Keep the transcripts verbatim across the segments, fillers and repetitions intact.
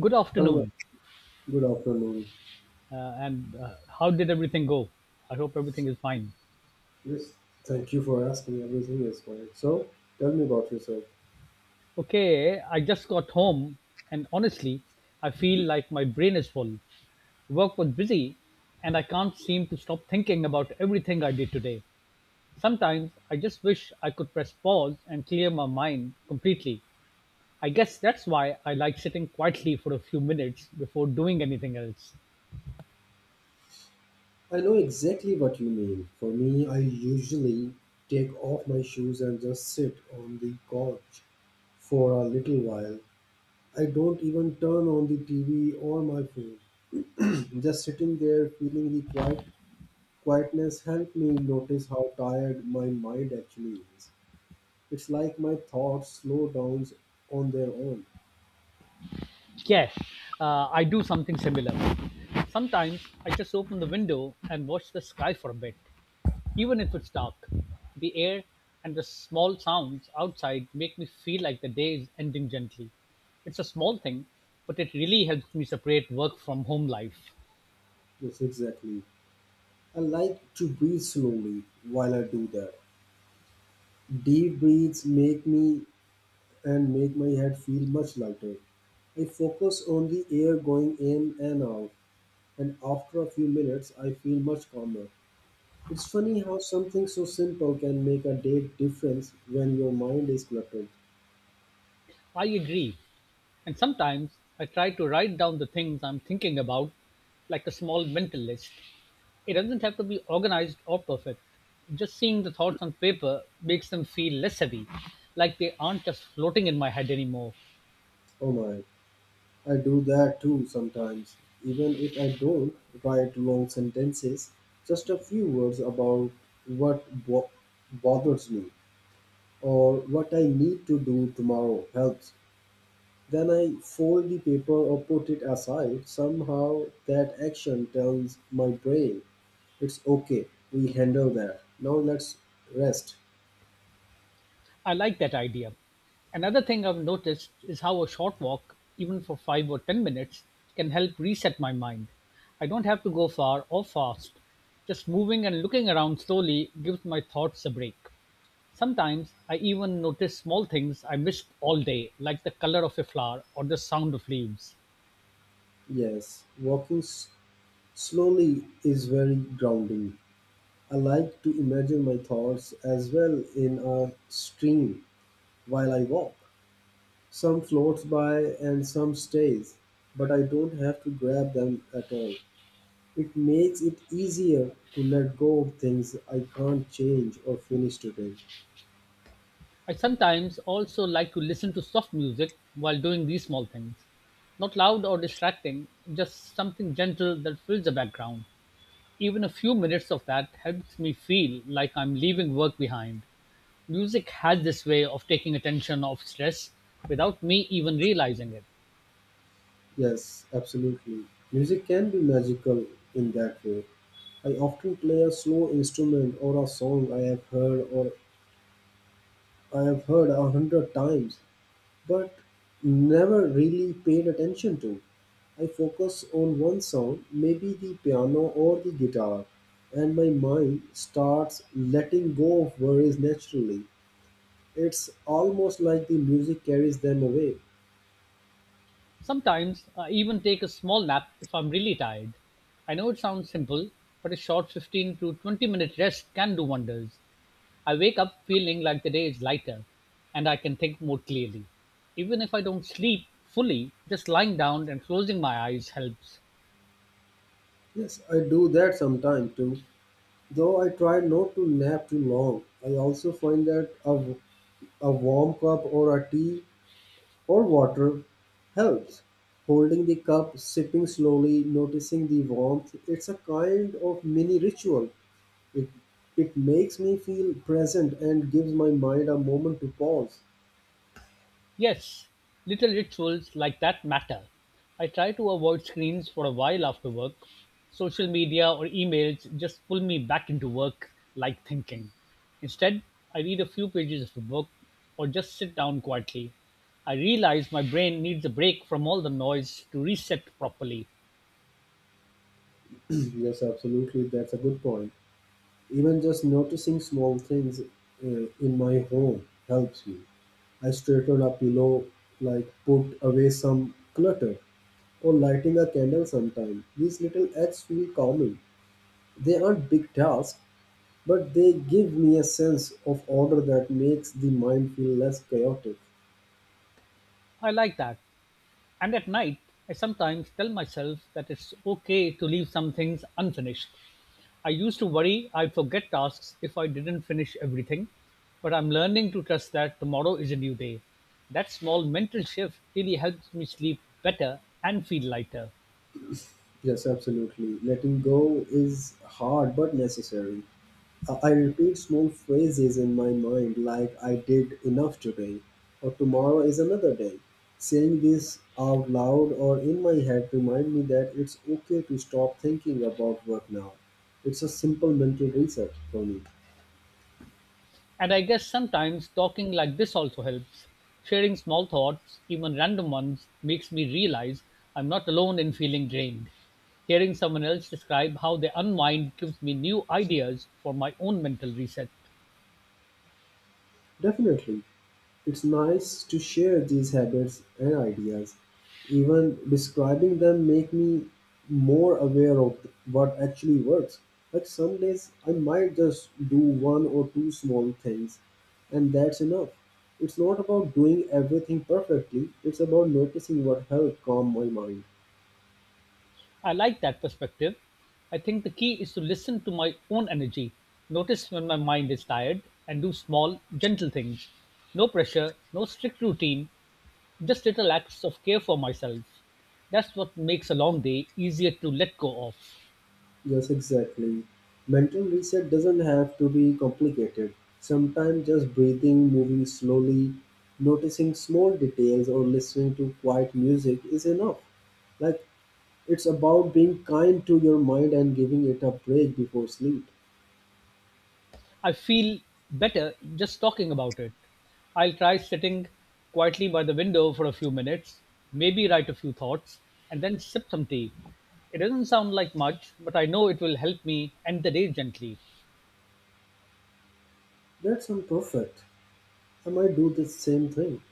Good Hello, ma'am. afternoon, Good afternoon. uh, and uh, how did everything go? I hope everything is fine. Yes, thank you for asking. Everything is fine. So, tell me about yourself. Okay, I just got home, and honestly, I feel like my brain is full. Work was busy, and I can't seem to stop thinking about everything I did today. Sometimes I just wish I could press pause and clear my mind completely. I guess that's why I like sitting quietly for a few minutes before doing anything else. I know exactly what you mean. For me, I usually take off my shoes and just sit on the couch for a little while. I don't even turn on the T V or my phone. Just sitting there feeling the quiet quietness helped me notice how tired my mind actually is. It's like my thoughts slow down on their own. Yes, uh, I do something similar. Sometimes I just open the window and watch the sky for a bit. Even if it's dark, the air and the small sounds outside make me feel like the day is ending gently. It's a small thing, but it really helps me separate work from home life. Yes, exactly. I like to breathe slowly while I do that. Deep breaths make me and make my head feel much lighter. I focus on the air going in and out, and after a few minutes, I feel much calmer. It's funny how something so simple can make a big difference when your mind is cluttered. I agree. And sometimes I try to write down the things I'm thinking about, like a small mental list. It doesn't have to be organized or perfect. Just seeing the thoughts on paper makes them feel less heavy, like they aren't just floating in my head anymore. Oh my, I do that too sometimes. Even if I don't write long sentences, just a few words about what bo- bothers me or what I need to do tomorrow helps. Then I fold the paper or put it aside. Somehow that action tells my brain it's okay, we handle that. Now let's rest. I like that idea. Another thing I've noticed is how a short walk, even for five or ten minutes, can help reset my mind. I don't have to go far or fast. Just moving and looking around slowly gives my thoughts a break. Sometimes I even notice small things I missed all day, like the color of a flower or the sound of leaves. Yes, walking s- slowly is very grounding. I like to imagine my thoughts as well in a stream while I walk. Some floats by and some stays, but I don't have to grab them at all. It makes it easier to let go of things I can't change or finish today. I sometimes also like to listen to soft music while doing these small things. Not loud or distracting, just something gentle that fills the background. Even a few minutes of that helps me feel like I'm leaving work behind. Music has this way of taking attention off stress without me even realizing it. Yes, absolutely. Music can be magical in that way. I often play a slow instrument or a song I have heard or I have heard a hundred times, but never really paid attention to. I focus on one sound, maybe the piano or the guitar, and my mind starts letting go of worries naturally. It's almost like the music carries them away. Sometimes I even take a small nap if I'm really tired. I know it sounds simple, but a short fifteen to twenty minute rest can do wonders. I wake up feeling like the day is lighter and I can think more clearly. Even if I don't sleep fully, just lying down and closing my eyes helps. Yes, I do that sometimes too. Though I try not to nap too long, I also find that a, a warm cup or a tea or water helps. Holding the cup, sipping slowly, noticing the warmth, it's a kind of mini ritual. It, it makes me feel present and gives my mind a moment to pause. Yes, little rituals like that matter. I try to avoid screens for a while after work. Social media or emails just pull me back into work like thinking. Instead, I read a few pages of a book or just sit down quietly. I realize my brain needs a break from all the noise to reset properly. Yes, absolutely, that's a good point. Even just noticing small things uh, in my home helps me. I straighten a pillow, like put away some clutter, or lighting a candle sometime. These little acts feel calming. They aren't big tasks, but they give me a sense of order that makes the mind feel less chaotic. I like that. And at night, I sometimes tell myself that it's okay to leave some things unfinished. I used to worry I'd forget tasks if I didn't finish everything, but I'm learning to trust that tomorrow is a new day. That small mental shift really helps me sleep better and feel lighter. Yes, absolutely. Letting go is hard but necessary. Uh, I repeat small phrases in my mind like I did enough today or tomorrow is another day. Saying this out loud or in my head remind me that it's okay to stop thinking about work now. It's a simple mental reset for me. And I guess sometimes talking like this also helps. Sharing small thoughts, even random ones, makes me realize I'm not alone in feeling drained. Hearing someone else describe how they unwind gives me new ideas for my own mental reset. Definitely, it's nice to share these habits and ideas. Even describing them make me more aware of what actually works. But some days I might just do one or two small things and that's enough. It's not about doing everything perfectly, it's about noticing what helped calm my mind. I like that perspective. I think the key is to listen to my own energy, notice when my mind is tired, and do small, gentle things. No pressure, no strict routine, just little acts of care for myself. That's what makes a long day easier to let go of. Yes, exactly. Mental reset doesn't have to be complicated. Sometimes just breathing, moving slowly, noticing small details, or listening to quiet music is enough. Like, it's about being kind to your mind and giving it a break before sleep. I feel better just talking about it. I'll try sitting quietly by the window for a few minutes, maybe write a few thoughts, and then sip some tea. It doesn't sound like much, but I know it will help me end the day gently. That's not perfect. I might do the same thing.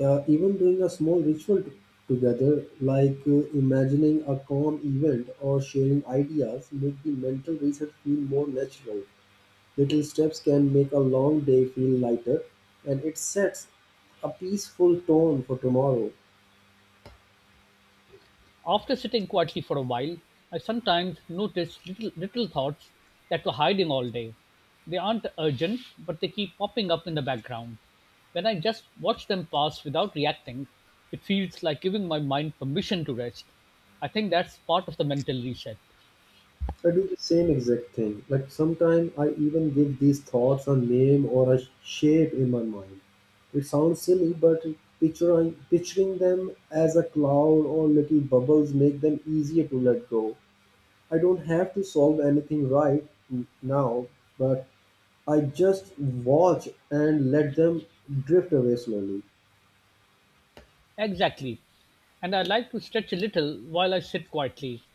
Uh, even doing a small ritual t- together, like uh, imagining a calm event or sharing ideas, make the mental reset feel more natural. Little steps can make a long day feel lighter, and it sets a peaceful tone for tomorrow. After sitting quietly for a while, I sometimes notice little, little thoughts that were hiding all day. They aren't urgent, but they keep popping up in the background. When I just watch them pass without reacting, it feels like giving my mind permission to rest. I think that's part of the mental reset. I do the same exact thing. Like sometimes I even give these thoughts a name or a shape in my mind. It sounds silly, but picturing, picturing them as a cloud or little bubbles make them easier to let go. I don't have to solve anything right n- now, but I just watch and let them drift away slowly. Exactly. And I like to stretch a little while I sit quietly.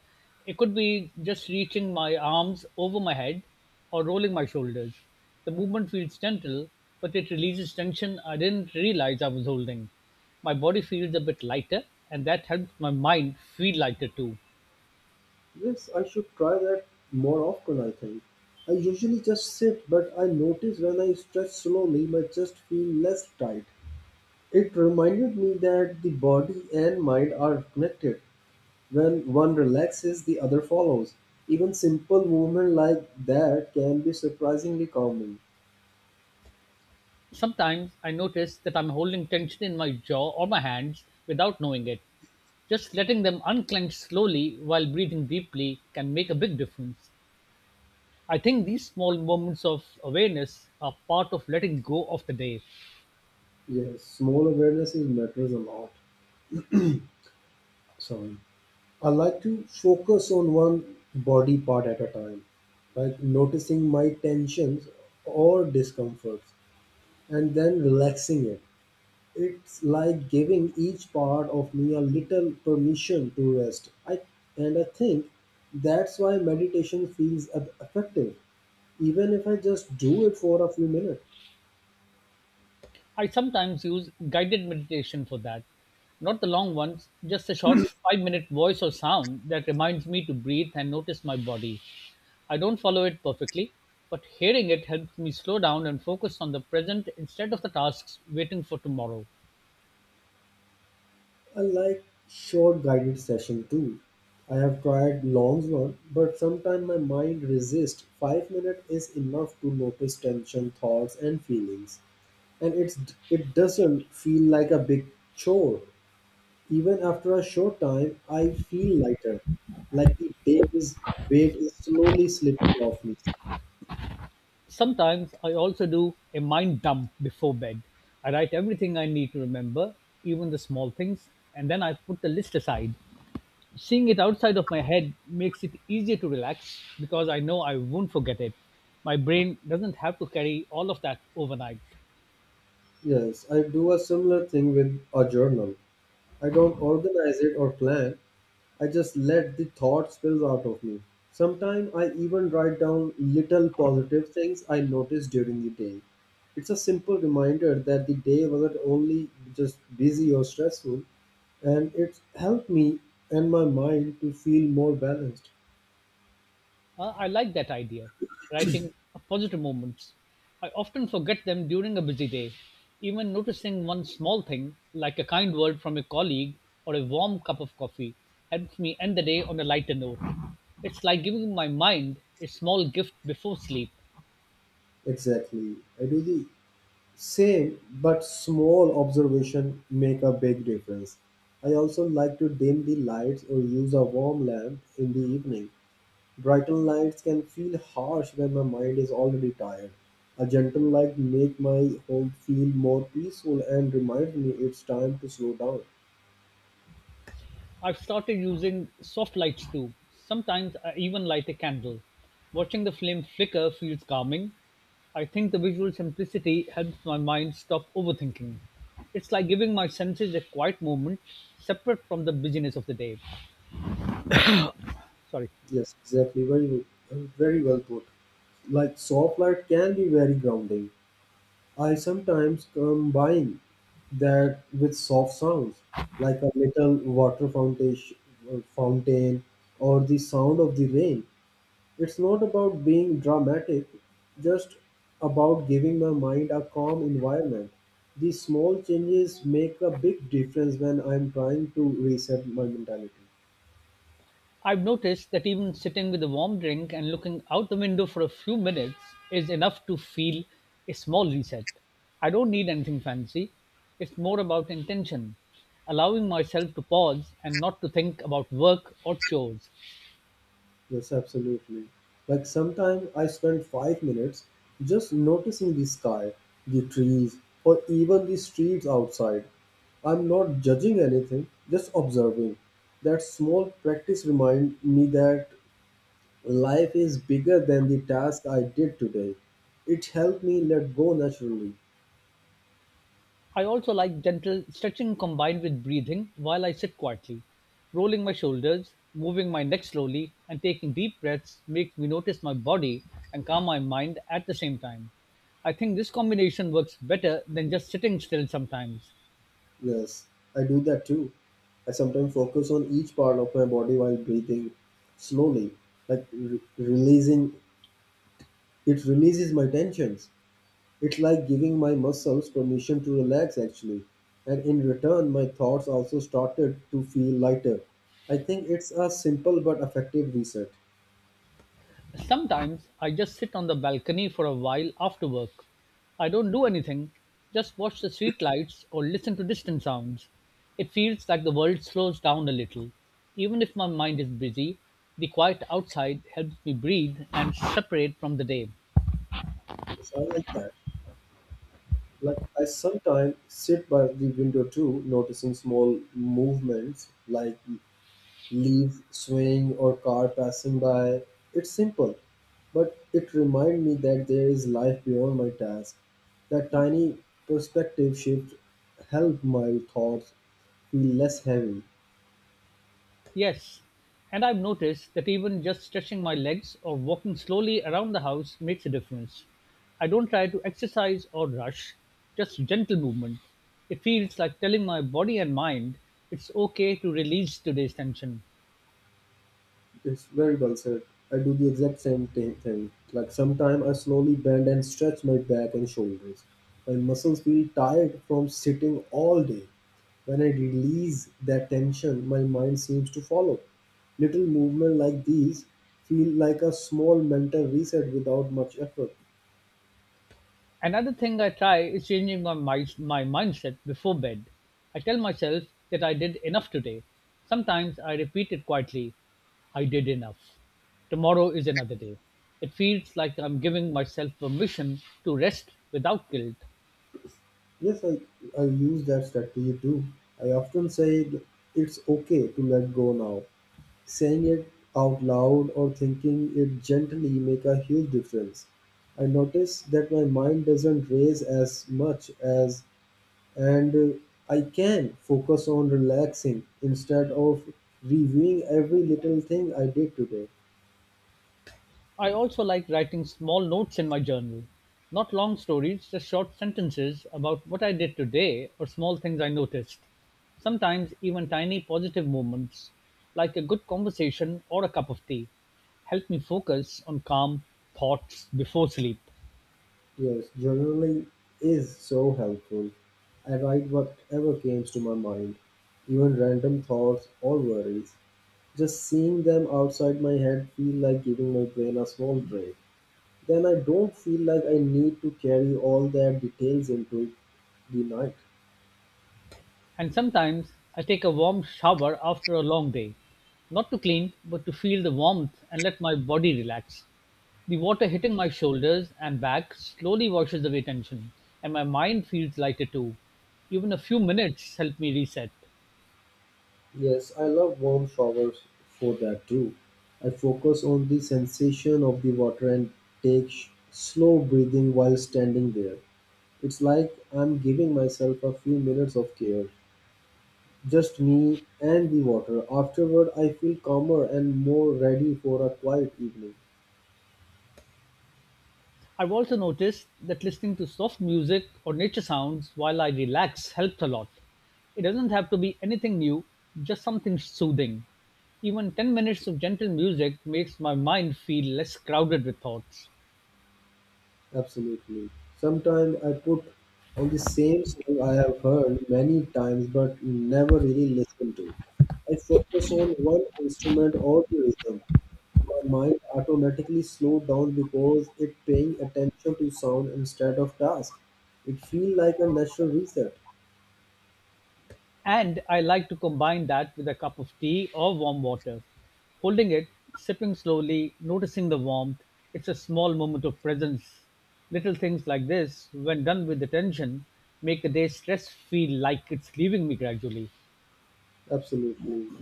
It could be just reaching my arms over my head or rolling my shoulders. The movement feels gentle, but it releases tension I didn't realize I was holding. My body feels a bit lighter, and that helps my mind feel lighter too. Yes, I should try that more often, I think. I usually just sit, but I notice when I stretch slowly, my chest feels less tight. It reminded me that the body and mind are connected. When one relaxes, the other follows. Even simple movement like that can be surprisingly calming. Sometimes I notice that I'm holding tension in my jaw or my hands without knowing it. Just letting them unclench slowly while breathing deeply can make a big difference. I think these small moments of awareness are part of letting go of the day. Yes, small awareness is matters a lot. Sorry. I like to focus on one body part at a time, like noticing my tensions or discomforts and then relaxing it. It's like giving each part of me a little permission to rest. I and I think that's why meditation feels eff- effective, even if I just do it for a few minutes. I sometimes use guided meditation for that. Not the long ones, just a short five minute voice or sound that reminds me to breathe and notice my body. I don't follow it perfectly, but hearing it helps me slow down and focus on the present instead of the tasks waiting for tomorrow. I like short guided session too. I have tried long one, but sometimes my mind resists. Five minutes is enough to notice tension, thoughts, and feelings, and it's it doesn't feel like a big chore. Even after a short time, I feel lighter, like the day is weight is slowly slipping off me. Sometimes I also do a mind dump before bed. I write everything I need to remember, even the small things, and then I put the list aside. Seeing it outside of my head makes it easier to relax because I know I won't forget it. My brain doesn't have to carry all of that overnight. Yes, I do a similar thing with a journal. I don't organize it or plan. I just let the thought spill out of me. Sometimes I even write down little positive things I notice during the day. It's a simple reminder that the day wasn't only just busy or stressful, and it's helped me and my mind to feel more balanced. Uh, I like that idea, writing positive moments. I often forget them during a busy day. Even noticing one small thing, like a kind word from a colleague or a warm cup of coffee, helps me end the day on a lighter note. It's like giving my mind a small gift before sleep. Exactly. I do the same, but small observation make a big difference. I also like to dim the lights or use a warm lamp in the evening. Brighten lights can feel harsh when my mind is already tired. A gentle light make my home feel more peaceful and reminds me it's time to slow down. I've started using soft lights too. Sometimes I even light a candle. Watching the flame flicker feels calming. I think the visual simplicity helps my mind stop overthinking. It's like giving my senses a quiet moment separate from the busyness of the day. Sorry. Yes, exactly. Very, well- very well put. Like soft light can be very grounding. I sometimes combine that with soft sounds, like a little water fountain, fountain, or the sound of the rain. It's not about being dramatic, just about giving my mind a calm environment. These small changes make a big difference when I'm trying to reset my mentality. I've noticed that even sitting with a warm drink and looking out the window for a few minutes is enough to feel a small reset. I don't need anything fancy. It's more about intention, allowing myself to pause and not to think about work or chores. Yes, absolutely. Like sometimes I spend five minutes just noticing the sky, the trees, or even the streets outside. I'm not judging anything, just observing. That small practice reminds me that life is bigger than the task I did today. It helped me let go naturally. I also like gentle stretching combined with breathing while I sit quietly. Rolling my shoulders, moving my neck slowly, and taking deep breaths makes me notice my body and calm my mind at the same time. I think this combination works better than just sitting still sometimes. Yes, I do that too. I sometimes focus on each part of my body while breathing slowly, like re- releasing it releases my tensions. It's like giving my muscles permission to relax actually. And in return, my thoughts also started to feel lighter. I think it's a simple but effective reset. Sometimes I just sit on the balcony for a while after work. I don't do anything, just watch the street lights or listen to distant sounds. It feels like the world slows down a little. Even if my mind is busy, the quiet outside helps me breathe and separate from the day. So I like that. Like I sometimes sit by the window too, noticing small movements like leaves swaying or car passing by. It's simple, but it reminds me that there is life beyond my task. That tiny perspective shift helped my thoughts feel less heavy. Yes, and I've noticed that even just stretching my legs or walking slowly around the house makes a difference. I don't try to exercise or rush, just gentle movement. It feels like telling my body and mind it's okay to release today's tension. It's very well said. I do the exact same thi- thing. Like sometimes I slowly bend and stretch my back and shoulders. My muscles feel tired from sitting all day. When I release that tension, my mind seems to follow. Little movements like these feel like a small mental reset without much effort. Another thing I try is changing my, my, my mindset before bed. I tell myself that I did enough today. Sometimes I repeat it quietly, I did enough. Tomorrow is another day. It feels like I'm giving myself permission to rest without guilt. Yes, I, I use that strategy too. I often say th- it's okay to let go now. Saying it out loud or thinking it gently make a huge difference. I notice that my mind doesn't race as much as and uh, I can focus on relaxing instead of reviewing every little thing I did today. I also like writing small notes in my journal. Not long stories, just short sentences about what I did today or small things I noticed. Sometimes even tiny positive moments, like a good conversation or a cup of tea, help me focus on calm thoughts before sleep. Yes, journaling is so helpful. I write whatever comes to my mind, even random thoughts or worries. Just seeing them outside my head feel like giving my brain a small break. Then I don't feel like I need to carry all their details into the night. And sometimes I take a warm shower after a long day, not to clean, but to feel the warmth and let my body relax. The water hitting my shoulders and back slowly washes away tension, and my mind feels lighter too. Even a few minutes help me reset. Yes, I love warm showers for that too. I focus on the sensation of the water and take sh- slow breathing while standing there. It's like I'm giving myself a few minutes of care. Just me and the water. Afterward, I feel calmer and more ready for a quiet evening. I've also noticed that listening to soft music or nature sounds while I relax helps a lot. It doesn't have to be anything new, just something soothing. Even ten minutes of gentle music makes my mind feel less crowded with thoughts. Absolutely. Sometimes I put on the same song I have heard many times but never really listened to. I focus on one instrument or the rhythm. My mind automatically slowed down because it paying attention to sound instead of task. It feels like a natural reset. And I like to combine that with a cup of tea or warm water. Holding it, sipping slowly, noticing the warmth, it's a small moment of presence. Little things like this, when done with attention, make the day's stress feel like it's leaving me gradually. Absolutely.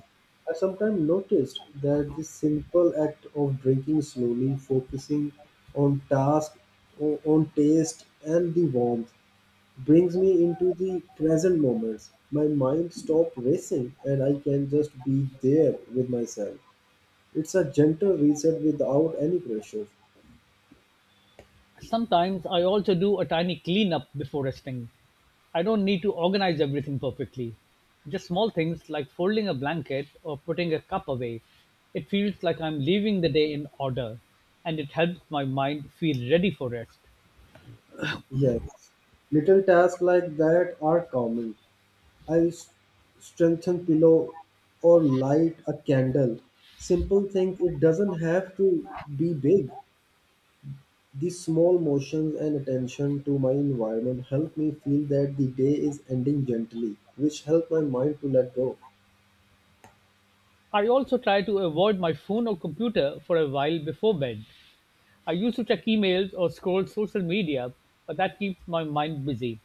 I sometimes noticed that this simple act of drinking slowly, focusing on task, o- on taste, and the warmth, brings me into the present moments. My mind stops racing and I can just be there with myself. It's a gentle reset without any pressure. Sometimes I also do a tiny cleanup before resting. I don't need to organize everything perfectly. Just small things like folding a blanket or putting a cup away. It feels like I'm leaving the day in order and it helps my mind feel ready for rest. Yes, little tasks like that are common. I'll s- strengthen pillow or light a candle. Simple things. It doesn't have to be big. These small motions and attention to my environment help me feel that the day is ending gently, which help my mind to let go. I also try to avoid my phone or computer for a while before bed. I used to check emails or scroll social media, but that keeps my mind busy.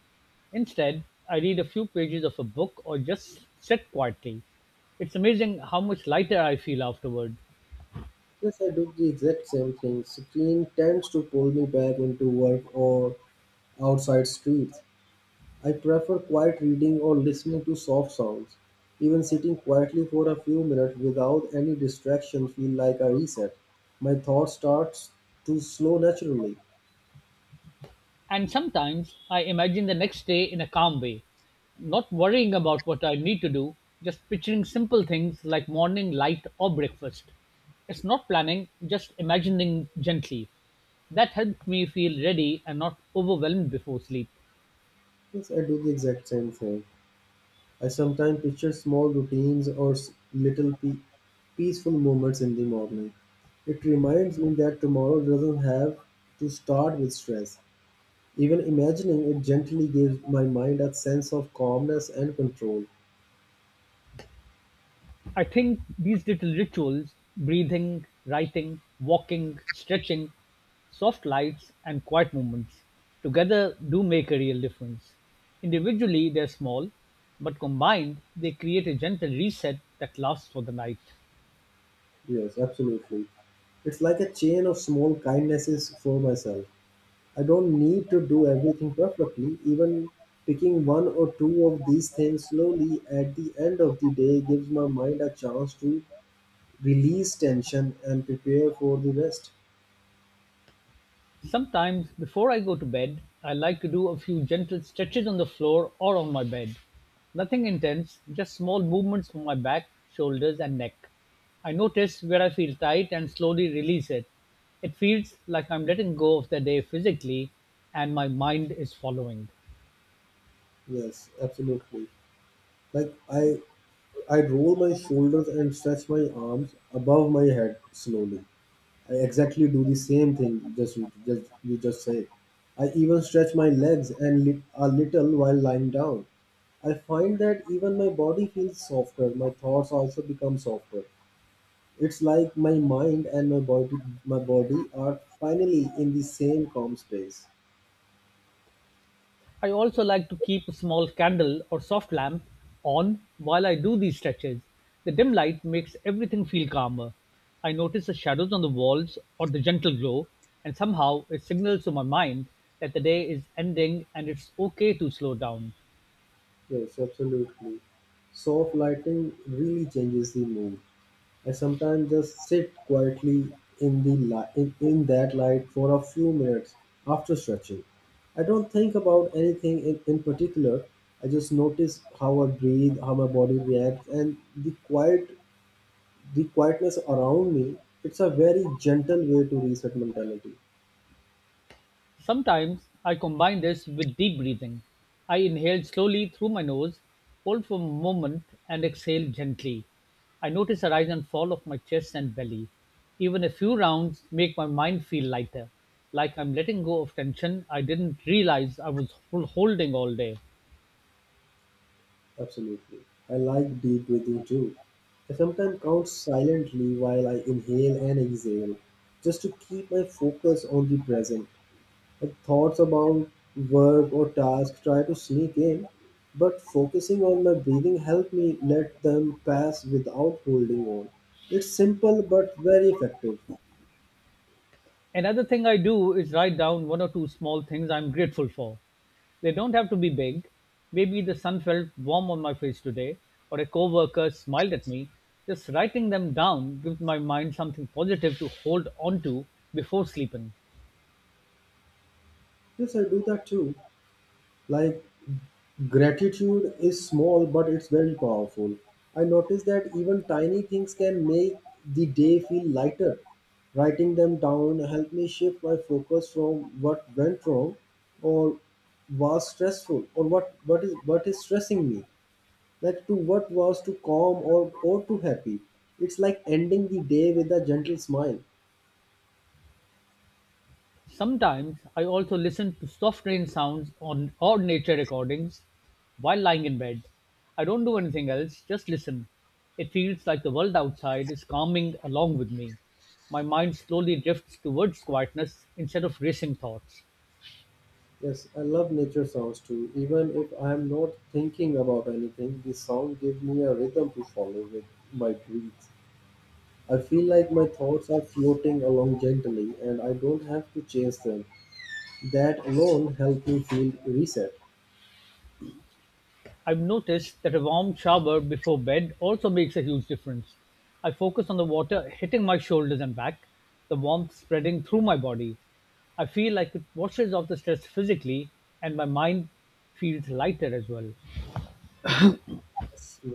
Instead, I read a few pages of a book or just sit quietly. It's amazing how much lighter I feel afterward. Yes, I do the exact same thing. Screen tends to pull me back into work or outside streets. I prefer quiet reading or listening to soft sounds. Even sitting quietly for a few minutes without any distraction feel like a reset. My thought starts to slow naturally. And sometimes I imagine the next day in a calm way, not worrying about what I need to do, just picturing simple things like morning light or breakfast. It's not planning, just imagining gently. That helped me feel ready and not overwhelmed before sleep. Yes, I do the exact same thing. I sometimes picture small routines or s- little pe- peaceful moments in the morning. It reminds me that tomorrow doesn't have to start with stress. Even imagining it gently gives my mind a sense of calmness and control. I think these little rituals breathing, writing, walking, stretching, soft lights, and quiet moments together do make a real difference. Individually, they're small, but combined, they create a gentle reset that lasts for the night. Yes, absolutely. It's like a chain of small kindnesses for myself. I don't need to do everything perfectly. Even picking one or two of these things slowly at the end of the day gives my mind a chance to release tension and prepare for the rest. Sometimes, before I go to bed, I like to do a few gentle stretches on the floor or on my bed. Nothing intense, just small movements for my back, shoulders, and neck. I notice where I feel tight and slowly release it. It feels like I'm letting go of the day physically and my mind is following. Yes, absolutely. Like I I roll my shoulders and stretch my arms above my head slowly. I exactly do the same thing. Just you just you just say. I even stretch my legs and li- a little while lying down. I find that even my body feels softer. My thoughts also become softer. It's like my mind and my body my body are finally in the same calm space. I also like to keep a small candle or soft lamp on while I do these stretches. The dim light makes everything feel calmer. I notice the shadows on the walls or the gentle glow, and somehow it signals to my mind that the day is ending and it's okay to slow down. Yes, absolutely. Soft lighting really changes the mood. I sometimes just sit quietly in the li- in, in that light for a few minutes after stretching. I don't think about anything in, in particular. I just notice how I breathe, how my body reacts, and the quiet the quietness around me. It's a very gentle way to reset mentality. Sometimes I combine this with deep breathing. I inhale slowly through my nose, hold for a moment, and exhale gently. I notice a rise and fall of my chest and belly. Even a few rounds make my mind feel lighter, like I'm letting go of tension I didn't realize I was hol- holding all day. Absolutely. I like deep breathing too. I sometimes count silently while I inhale and exhale just to keep my focus on the present. Like thoughts about work or task try to sneak in, but focusing on my breathing helped me let them pass without holding on. It's simple but very effective. Another thing I do is write down one or two small things I'm grateful for. They don't have to be big. Maybe the sun felt warm on my face today, or a coworker smiled at me. Just writing them down gives my mind something positive to hold on to before sleeping. Yes, I do that too. Like gratitude is small but it's very powerful. I noticed that even tiny things can make the day feel lighter. Writing them down helped me shift my focus from what went wrong or was stressful or what, what is what is stressing me like to what was too calm or, or too happy. It's like ending the day with a gentle smile. Sometimes I also listen to soft rain sounds on or nature recordings while lying in bed. I don't do anything else, just listen. It feels like the world outside is calming along with me. My mind slowly drifts towards quietness instead of racing thoughts. Yes, I love nature sounds too. Even if I'm not thinking about anything, the sound gives me a rhythm to follow with my breath. I feel like my thoughts are floating along gently and I don't have to chase them. That alone helps me feel reset. I've noticed that a warm shower before bed also makes a huge difference. I focus on the water hitting my shoulders and back, the warmth spreading through my body. I feel like it washes off the stress physically, and my mind feels lighter as well.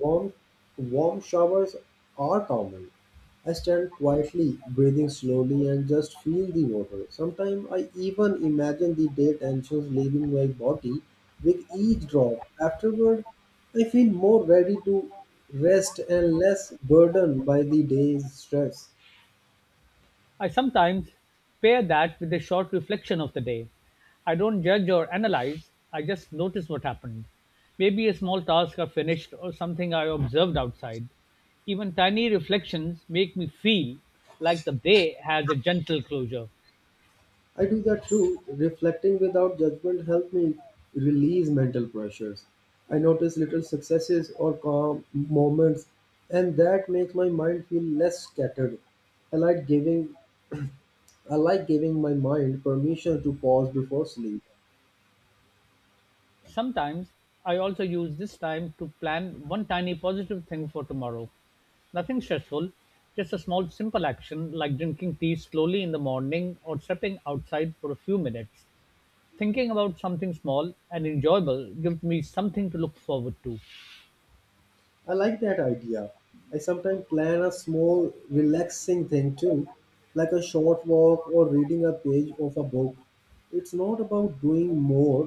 Warm, warm showers are common. I stand quietly, breathing slowly, and just feel the water. Sometimes I even imagine the dead tensions leaving my body with each drop. Afterward, I feel more ready to rest and less burdened by the day's stress. I sometimes pair that with a short reflection of the day. I don't judge or analyze, I just notice what happened. Maybe a small task I finished or something I observed outside. Even tiny reflections make me feel like the day has a gentle closure. I do that too. Reflecting without judgment helps me release mental pressures. I notice little successes or calm moments, and that makes my mind feel less scattered. I like giving I like giving my mind permission to pause before sleep. Sometimes I also use this time to plan one tiny positive thing for tomorrow. Nothing stressful, just a small simple action like drinking tea slowly in the morning or stepping outside for a few minutes. Thinking about something small and enjoyable gives me something to look forward to. I like that idea. I sometimes plan a small, relaxing thing too, like a short walk or reading a page of a book. It's not about doing more,